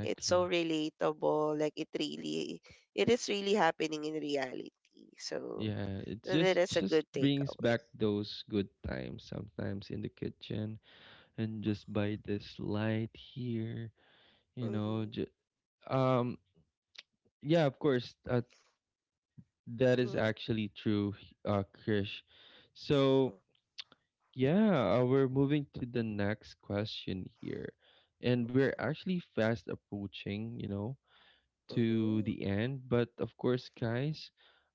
S2: it's so relatable. Like it really, it is really happening in reality. So
S1: Yeah, it
S2: that
S1: just
S2: is a
S1: just
S2: good
S1: brings
S2: takeaway.
S1: back those good times sometimes in the kitchen and just by this light here, you know,
S2: Mm-hmm.
S1: um yeah, of course, that is
S2: Mm-hmm.
S1: actually true, Krish. So, yeah, we're moving to the next question here. And we're actually fast approaching, you know, to
S2: Mm-hmm.
S1: the end. But of course, guys,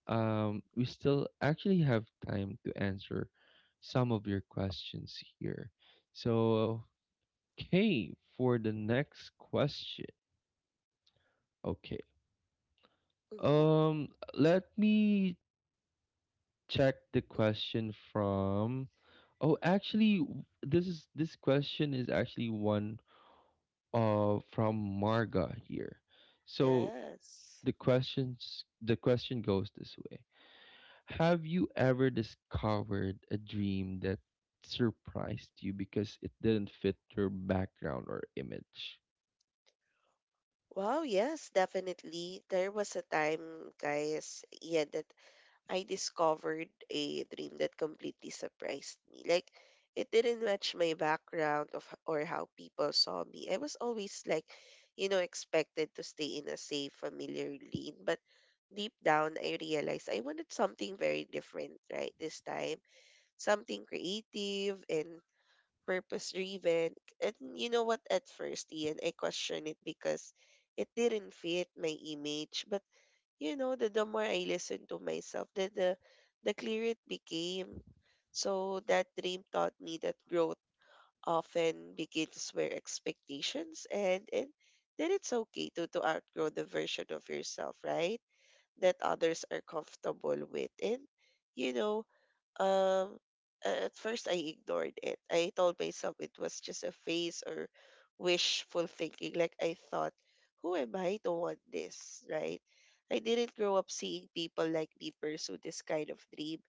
S1: we still actually have time to answer some of your questions here. So, okay, for the next question. Okay.
S2: Mm-hmm.
S1: Um, Let me check the question from. Oh, actually, this question is actually one from Marga here. So,
S2: Yes.
S1: the question goes this way. Have you ever discovered a dream that surprised you because it didn't fit your background or image?
S2: Wow, yes, definitely. There was a time, guys, yeah, that I discovered a dream that completely surprised me. Like, it didn't match my background or how people saw me. I was always like, you know, expected to stay in a safe, familiar lane, but deep down I realized I wanted something very different, right? This time, something creative and purpose driven. And you know what? At first, Ian, I questioned it because it didn't fit my image, but you know, the more I listened to myself, the clearer it became. So that dream taught me that growth often begins where expectations end, and then it's okay to outgrow the version of yourself, right? That others are comfortable with. And, you know, um at first I ignored it. I told myself it was just a phase or wishful thinking. Like I thought, who am I to want this, right? I didn't grow up seeing people like me pursue this kind of dream.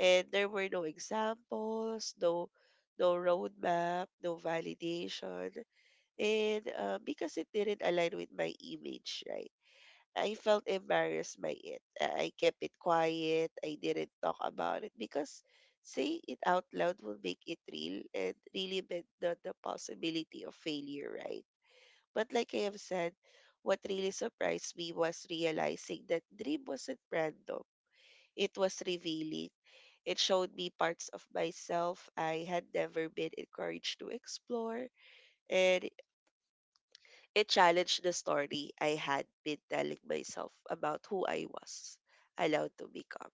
S2: And there were no examples, no roadmap, no validation. And because it didn't align with my image, right? I felt embarrassed by it. I kept it quiet. I didn't talk about it because saying it out loud will make it real and really meant not the possibility of failure, right? But like I have said, what really surprised me was realizing that dream wasn't random. It was revealing. It showed me parts of myself I had never been encouraged to explore. And it challenged the story I had been telling myself about who I was allowed to become.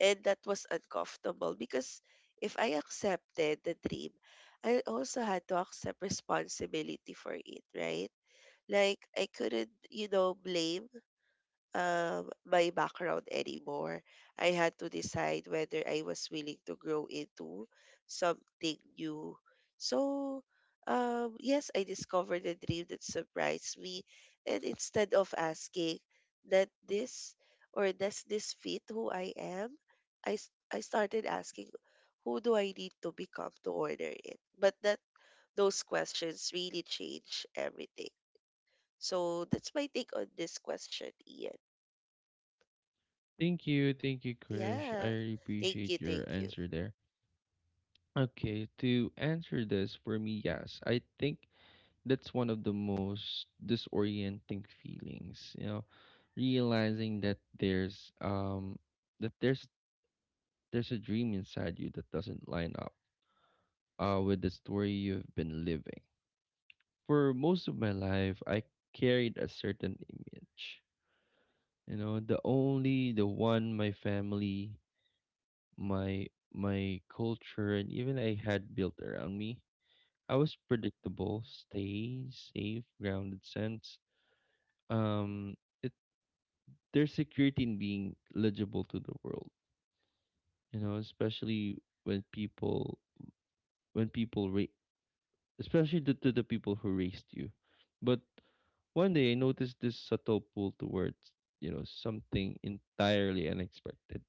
S2: And that was uncomfortable because if I accepted the dream, I also had to accept responsibility for it, right? Like I couldn't, you know, blame my background anymore. I had to decide whether I was willing to grow into something new. So, yes, I discovered a dream that surprised me. And instead of asking that this or does this fit who I am, I started asking who do I need to become to order it. But that those questions really change everything. So that's my take on this question, Ian.
S1: Thank you, Krish. I
S2: Yeah.
S1: really
S2: Thank you,
S1: appreciate
S2: thank
S1: your
S2: you.
S1: answer there. Okay, to answer this for me, yes, I think that's one of the most disorienting feelings. You know, realizing that there's a dream inside you that doesn't line up with the story you've been living. For most of my life, I carried a certain image. You know, the one my family, my my culture, and even I had built around me. I was predictable, stay safe, grounded sense. Um, it There's security in being legible to the world. You know, especially when people when people rate especially the, to the people who raised you. But one day I noticed this subtle pull towards, you know, something entirely unexpected.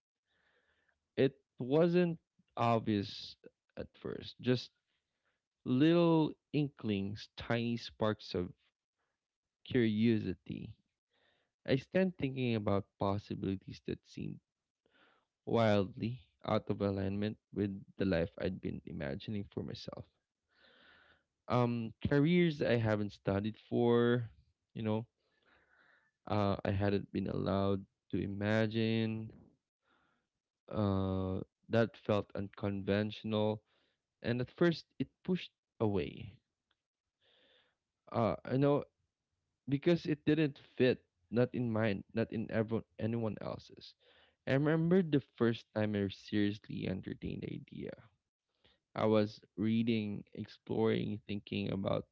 S1: It wasn't obvious at first, just little inklings, tiny sparks of curiosity. I stand thinking about possibilities that seemed wildly out of alignment with the life I'd been imagining for myself. Careers I haven't studied for, you know, I hadn't been allowed to imagine. Uh, that felt unconventional, and at first it pushed away. I know because it didn't fit, not in mine, not in everyone, anyone else's. I remember the first time I seriously entertained the idea. I was reading, exploring, thinking about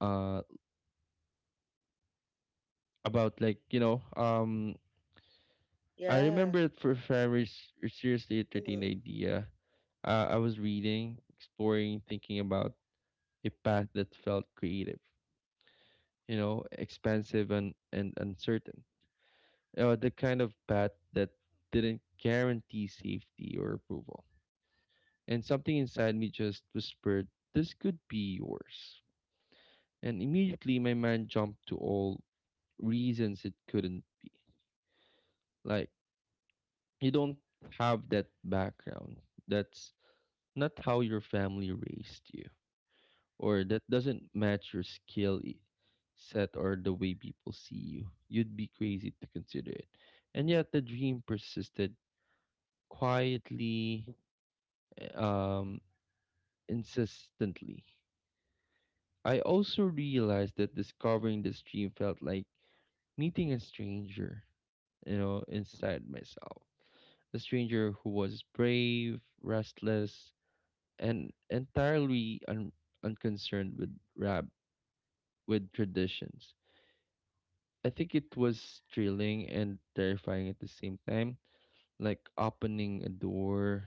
S1: uh about like you know um I
S2: Yeah.
S1: remember it for very s- Seriously a 13
S2: Mm-hmm.
S1: idea. I was reading, exploring, thinking about a path that felt creative, you know, expansive and uncertain. The kind of path that didn't guarantee safety or approval. And something inside me just whispered, this could be yours. And immediately my mind jumped to all reasons it couldn't be. Like, you don't have that background. That's not how your family raised you, or that doesn't match your skill set or the way people see you. You'd be crazy to consider it, and yet the dream persisted, quietly, um insistently. I also realized that discovering this dream felt like meeting a stranger, you know, inside myself. A stranger who was brave, restless, and entirely unconcerned with rab with traditions. I think it was thrilling and terrifying at the same time, like opening a door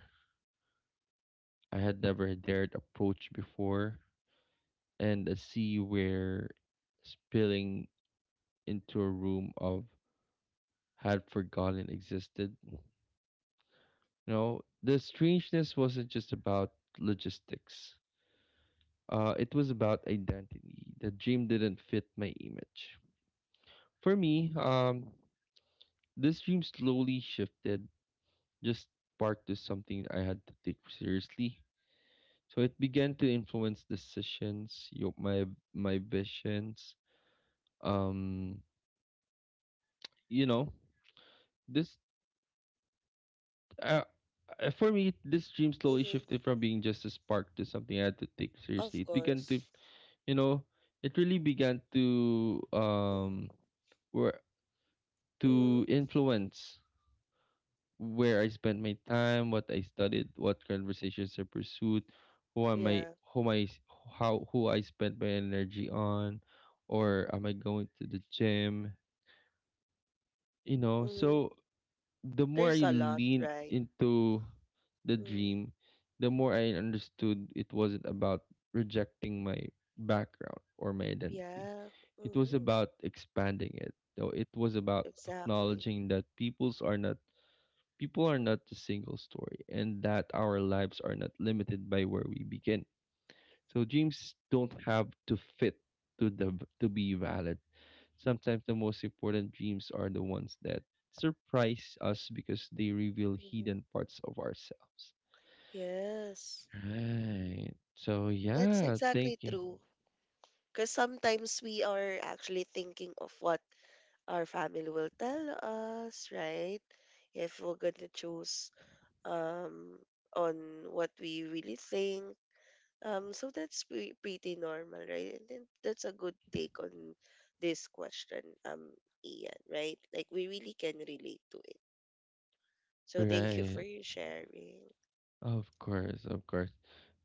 S1: I had never dared approach before, and a sea where spilling into a room of had forgotten existed. No, the strangeness wasn't just about logistics. It was about identity. The dream didn't fit my image. For me, this dream slowly shifted just sparked is something I had to take seriously. So it began to influence decisions, you my my visions. Um, you know, this uh, for me, this dream slowly
S2: Mm-hmm.
S1: shifted from being just a spark to something I had to take seriously.
S2: Of
S1: It began to,
S2: course.
S1: you know, it really began to,
S2: Mm-hmm.
S1: were to
S2: Mm-hmm.
S1: influence where I spent my time, what I studied, what conversations I pursued, who am I,
S2: Yeah.
S1: who I, how, who I spent my energy on, or am I going to the gym? You know,
S2: Mm-hmm.
S1: so the more
S2: There's
S1: I
S2: a lot,
S1: leaned
S2: right?
S1: into the
S2: Mm-hmm.
S1: dream, the more I understood it wasn't about rejecting my background or my identity.
S2: Yeah.
S1: It was
S2: Mm-hmm.
S1: about expanding it. So it was about
S2: Exactly.
S1: acknowledging that people are not a single story, and that our lives are not limited by where we begin. So dreams don't have to fit to the to be valid. Sometimes the most important dreams are the ones that surprise us because they reveal
S2: Mm-hmm.
S1: hidden parts of ourselves.
S2: Yes.
S1: Right. So
S2: That's
S1: yeah, thank
S2: exactly
S1: you.
S2: true. Because sometimes we are actually thinking of what our family will tell us, right? If we're going to choose um on what we really think. So that's pretty normal, right? And then that's a good take on this question, Ian, right? Like we really can relate to it. So thank you for
S1: Right.
S2: your sharing.
S1: Of course, of course.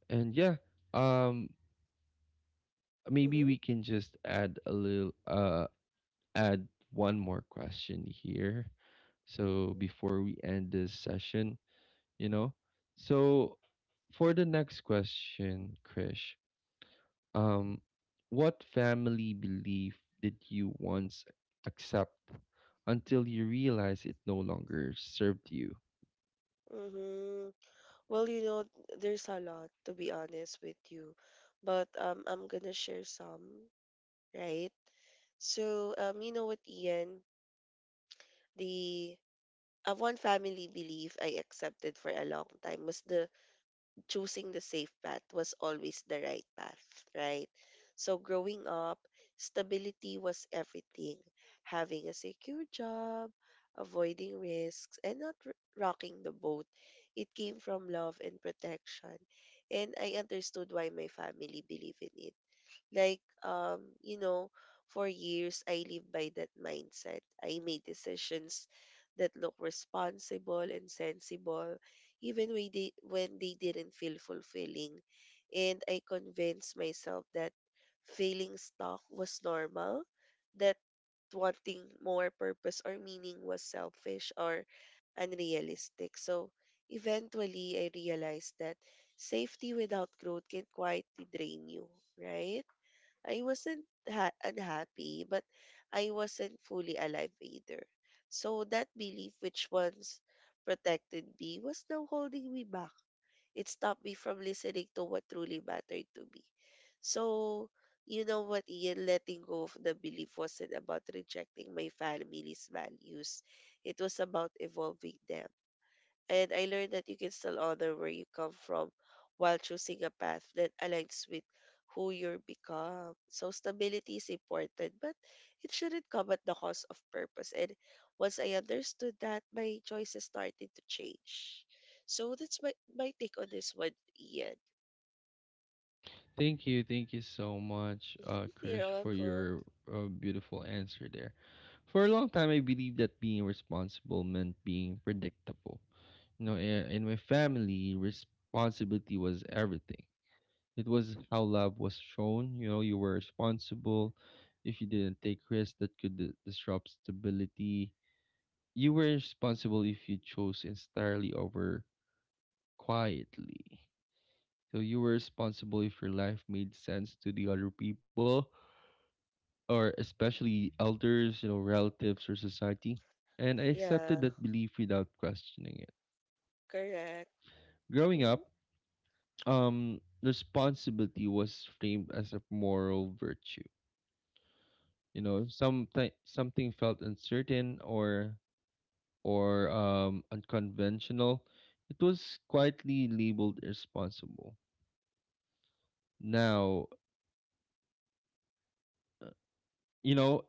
S1: And yeah, um maybe
S2: Mm-hmm.
S1: we can just add a little add one more question here. So before we end this session, you know. So for the next question, Krish, um, what family belief did you once accept until you realized it no longer served you?
S2: Mm-hmm. Well, you know, there's a lot to be honest with you, but I'm gonna share some, right? So you know what, Ian, the one family belief I accepted for a long time was the choosing the safe path was always the right path, right? So growing up, stability was everything. Having a secure job, avoiding risks, and not rocking the boat. It came from love and protection. And I understood why my family believed in it. Like, you know, for years I lived by that mindset. I made decisions that look responsible and sensible, even when they didn't feel fulfilling. And I convinced myself that feeling stuck was normal, that wanting more purpose or meaning was selfish or unrealistic. So eventually, I realized that safety without growth can quietly drain you, right? I wasn't unhappy, but I wasn't fully alive either. So that belief, which once protected me, was now holding me back. It stopped me from listening to what truly mattered to me. So, you know what, Ian, letting go of the belief wasn't about rejecting my family's values. It was about evolving them and I learned that you can still honor where you come from while choosing a path that aligns with who you are become. So stability is important, but it shouldn't come at the cost of purpose. And once I understood that, my choices started to change. So that's my take on this one, Ian.
S1: Thank you, thank you so much,
S2: Mhm. You're
S1: Krish, for
S2: welcome.
S1: your beautiful answer there. For a long time, I believed that being responsible meant being predictable. You know, in my family, responsibility was everything. It was how love was shown. You know, you were responsible. If you didn't take risks that could disrupt stability, you were responsible if you chose entirely over quietly. So you were responsible if your life made sense to the other people, or especially elders, you know, relatives or society. And I accepted
S2: Yeah,
S1: that belief without questioning it.
S2: correct.
S1: Growing
S2: Hmm.
S1: up, responsibility was framed as a moral virtue. You know, something felt uncertain or unconventional, it was quietly labeled irresponsible. Now, you know,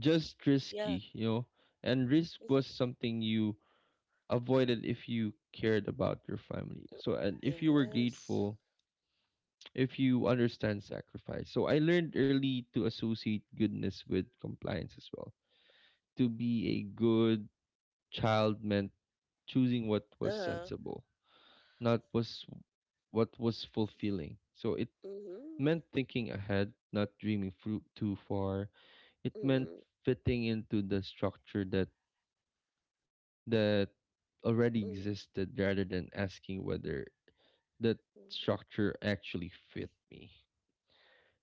S1: just
S2: Yeah.
S1: risky, you know. And risk
S2: Mhm.
S1: was something you avoided if you cared about your family. So, and if you were
S2: Yes.
S1: grateful, if you understand sacrifice. So I learned early to associate goodness with compliance as well. To be a good child meant choosing what was
S2: Uh-huh.
S1: sensible, not was what was fulfilling. So it
S2: Mm-hmm.
S1: meant thinking ahead, not dreaming too far. It meant
S2: Mm-hmm.
S1: fitting into the structure that that already existed, rather than asking whether that
S2: Mm-hmm.
S1: structure actually fit me.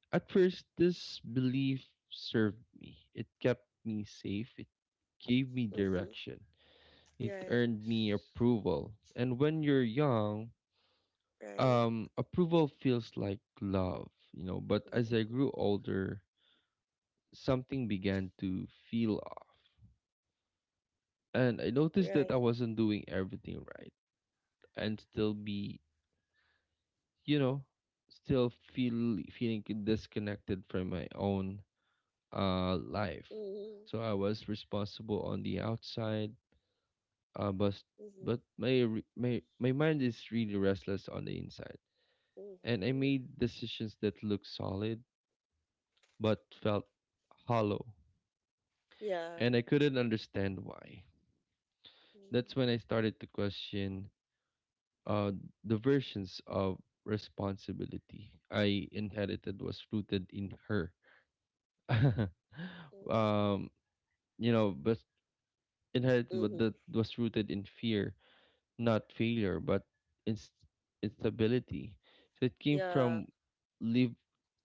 S1: At first, this belief served me. It kept me safe. It gave me
S2: Mm-hmm.
S1: direction. It
S2: Right.
S1: earned me approval. And when you're young,
S2: Right.
S1: approval feels like love, you know. But as I grew
S2: Mhm.
S1: older, something began to feel off, and I noticed that I
S2: Right.
S1: wasn't doing everything right and still be, you know, still feeling disconnected from my own life.
S2: Mhm.
S1: So I was responsible on the outside, uh but
S2: Mhm.
S1: but my re- my mind is really restless on the inside, and I
S2: Mhm.
S1: made decisions that looked solid but felt hollow,
S2: Yeah.
S1: and I couldn't understand why. That's
S2: Mhm.
S1: when I started to question uh, the versions of responsibility I inherited was rooted in her.
S2: Mhm.
S1: um, you know, but inherited what
S2: Mhm.
S1: that was rooted in fear, not failure, but inst- instability. So it came
S2: Yeah.
S1: from live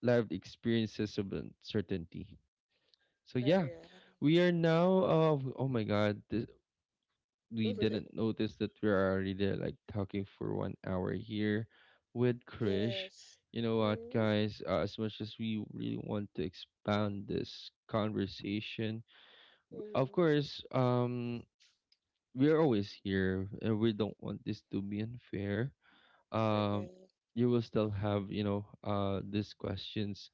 S1: lived experiences of uncertainty. So yeah,
S2: Correct.
S1: we are now. Oh my God, this, we didn't notice that we're already there, like talking for 1 hour here with Krish.
S2: Yes.
S1: You know what,
S2: Mhm.
S1: guys? As much as we really want to expand this conversation, of
S2: Mhm.
S1: course, we're always here, and we don't want this to be unfair. Um,
S2: Correct.
S1: you will still have, you know, these questions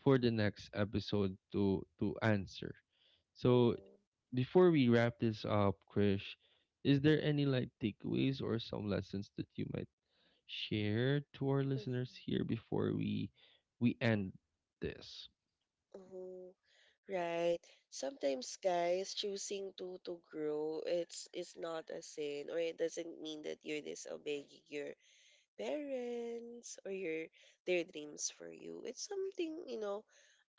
S1: for the next episode to answer. So
S2: Mhm.
S1: before we wrap this up, Krish, is there any like takeaways or some lessons that you might share to our
S2: Mhm.
S1: listeners here before we end this
S2: Mhm. Right. Sometimes, guys, choosing to grow, it's not a sin, or it doesn't mean that you're disobeying your parents or your their dreams for you. It's something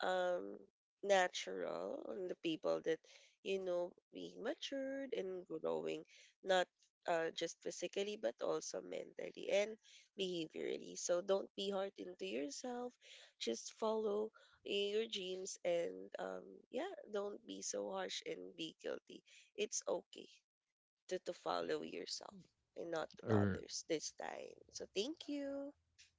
S2: um natural on the people that being matured and growing, not just physically but also mentally and behaviorally. So don't be hard into yourself, just follow your dreams, and um yeah, don't be so harsh and be guilty. It's okay to follow yourself and not
S1: or.
S2: others this time, so thank you.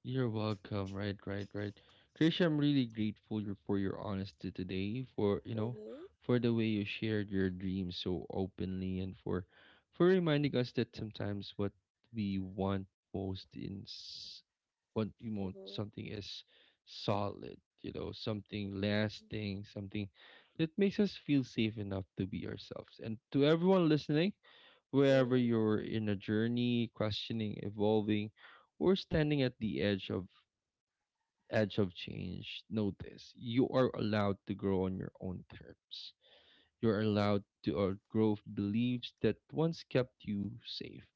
S1: You're welcome. Right, right, right. Krisha, I'm really grateful for your honesty today, for you know,
S2: Mm-hmm,
S1: for the way you shared your dreams so openly, and for reminding us that sometimes what we want most in s- what we want
S2: mm-hmm,
S1: something is solid, you know, something
S2: mm-hmm,
S1: lasting, something that makes us feel safe enough to be ourselves. And to everyone listening. Wherever
S2: mm-hmm,
S1: you're in a journey, questioning, evolving, or standing at the edge of change, notice you are allowed to grow on your own terms. You're
S2: mm-hmm,
S1: allowed to outgrow beliefs that once kept you safe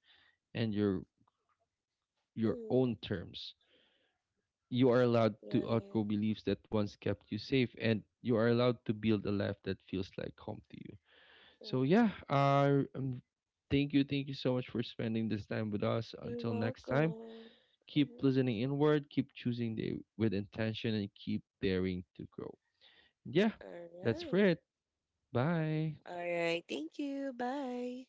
S1: and your own
S2: mm-hmm.
S1: terms. You are allowed to
S2: Right.
S1: outgrow beliefs that once kept you safe and you are allowed to build a life that feels like home to you. So yeah,
S2: Mhm.
S1: thank you so much for spending this time with us.
S2: You're
S1: Until next time,
S2: welcome.
S1: keep
S2: Mhm.
S1: listening inward, keep choosing the, with intention, and keep daring to grow. Yeah,
S2: All
S1: that's for
S2: right.
S1: it. Bye.
S2: All right. Thank you. Bye.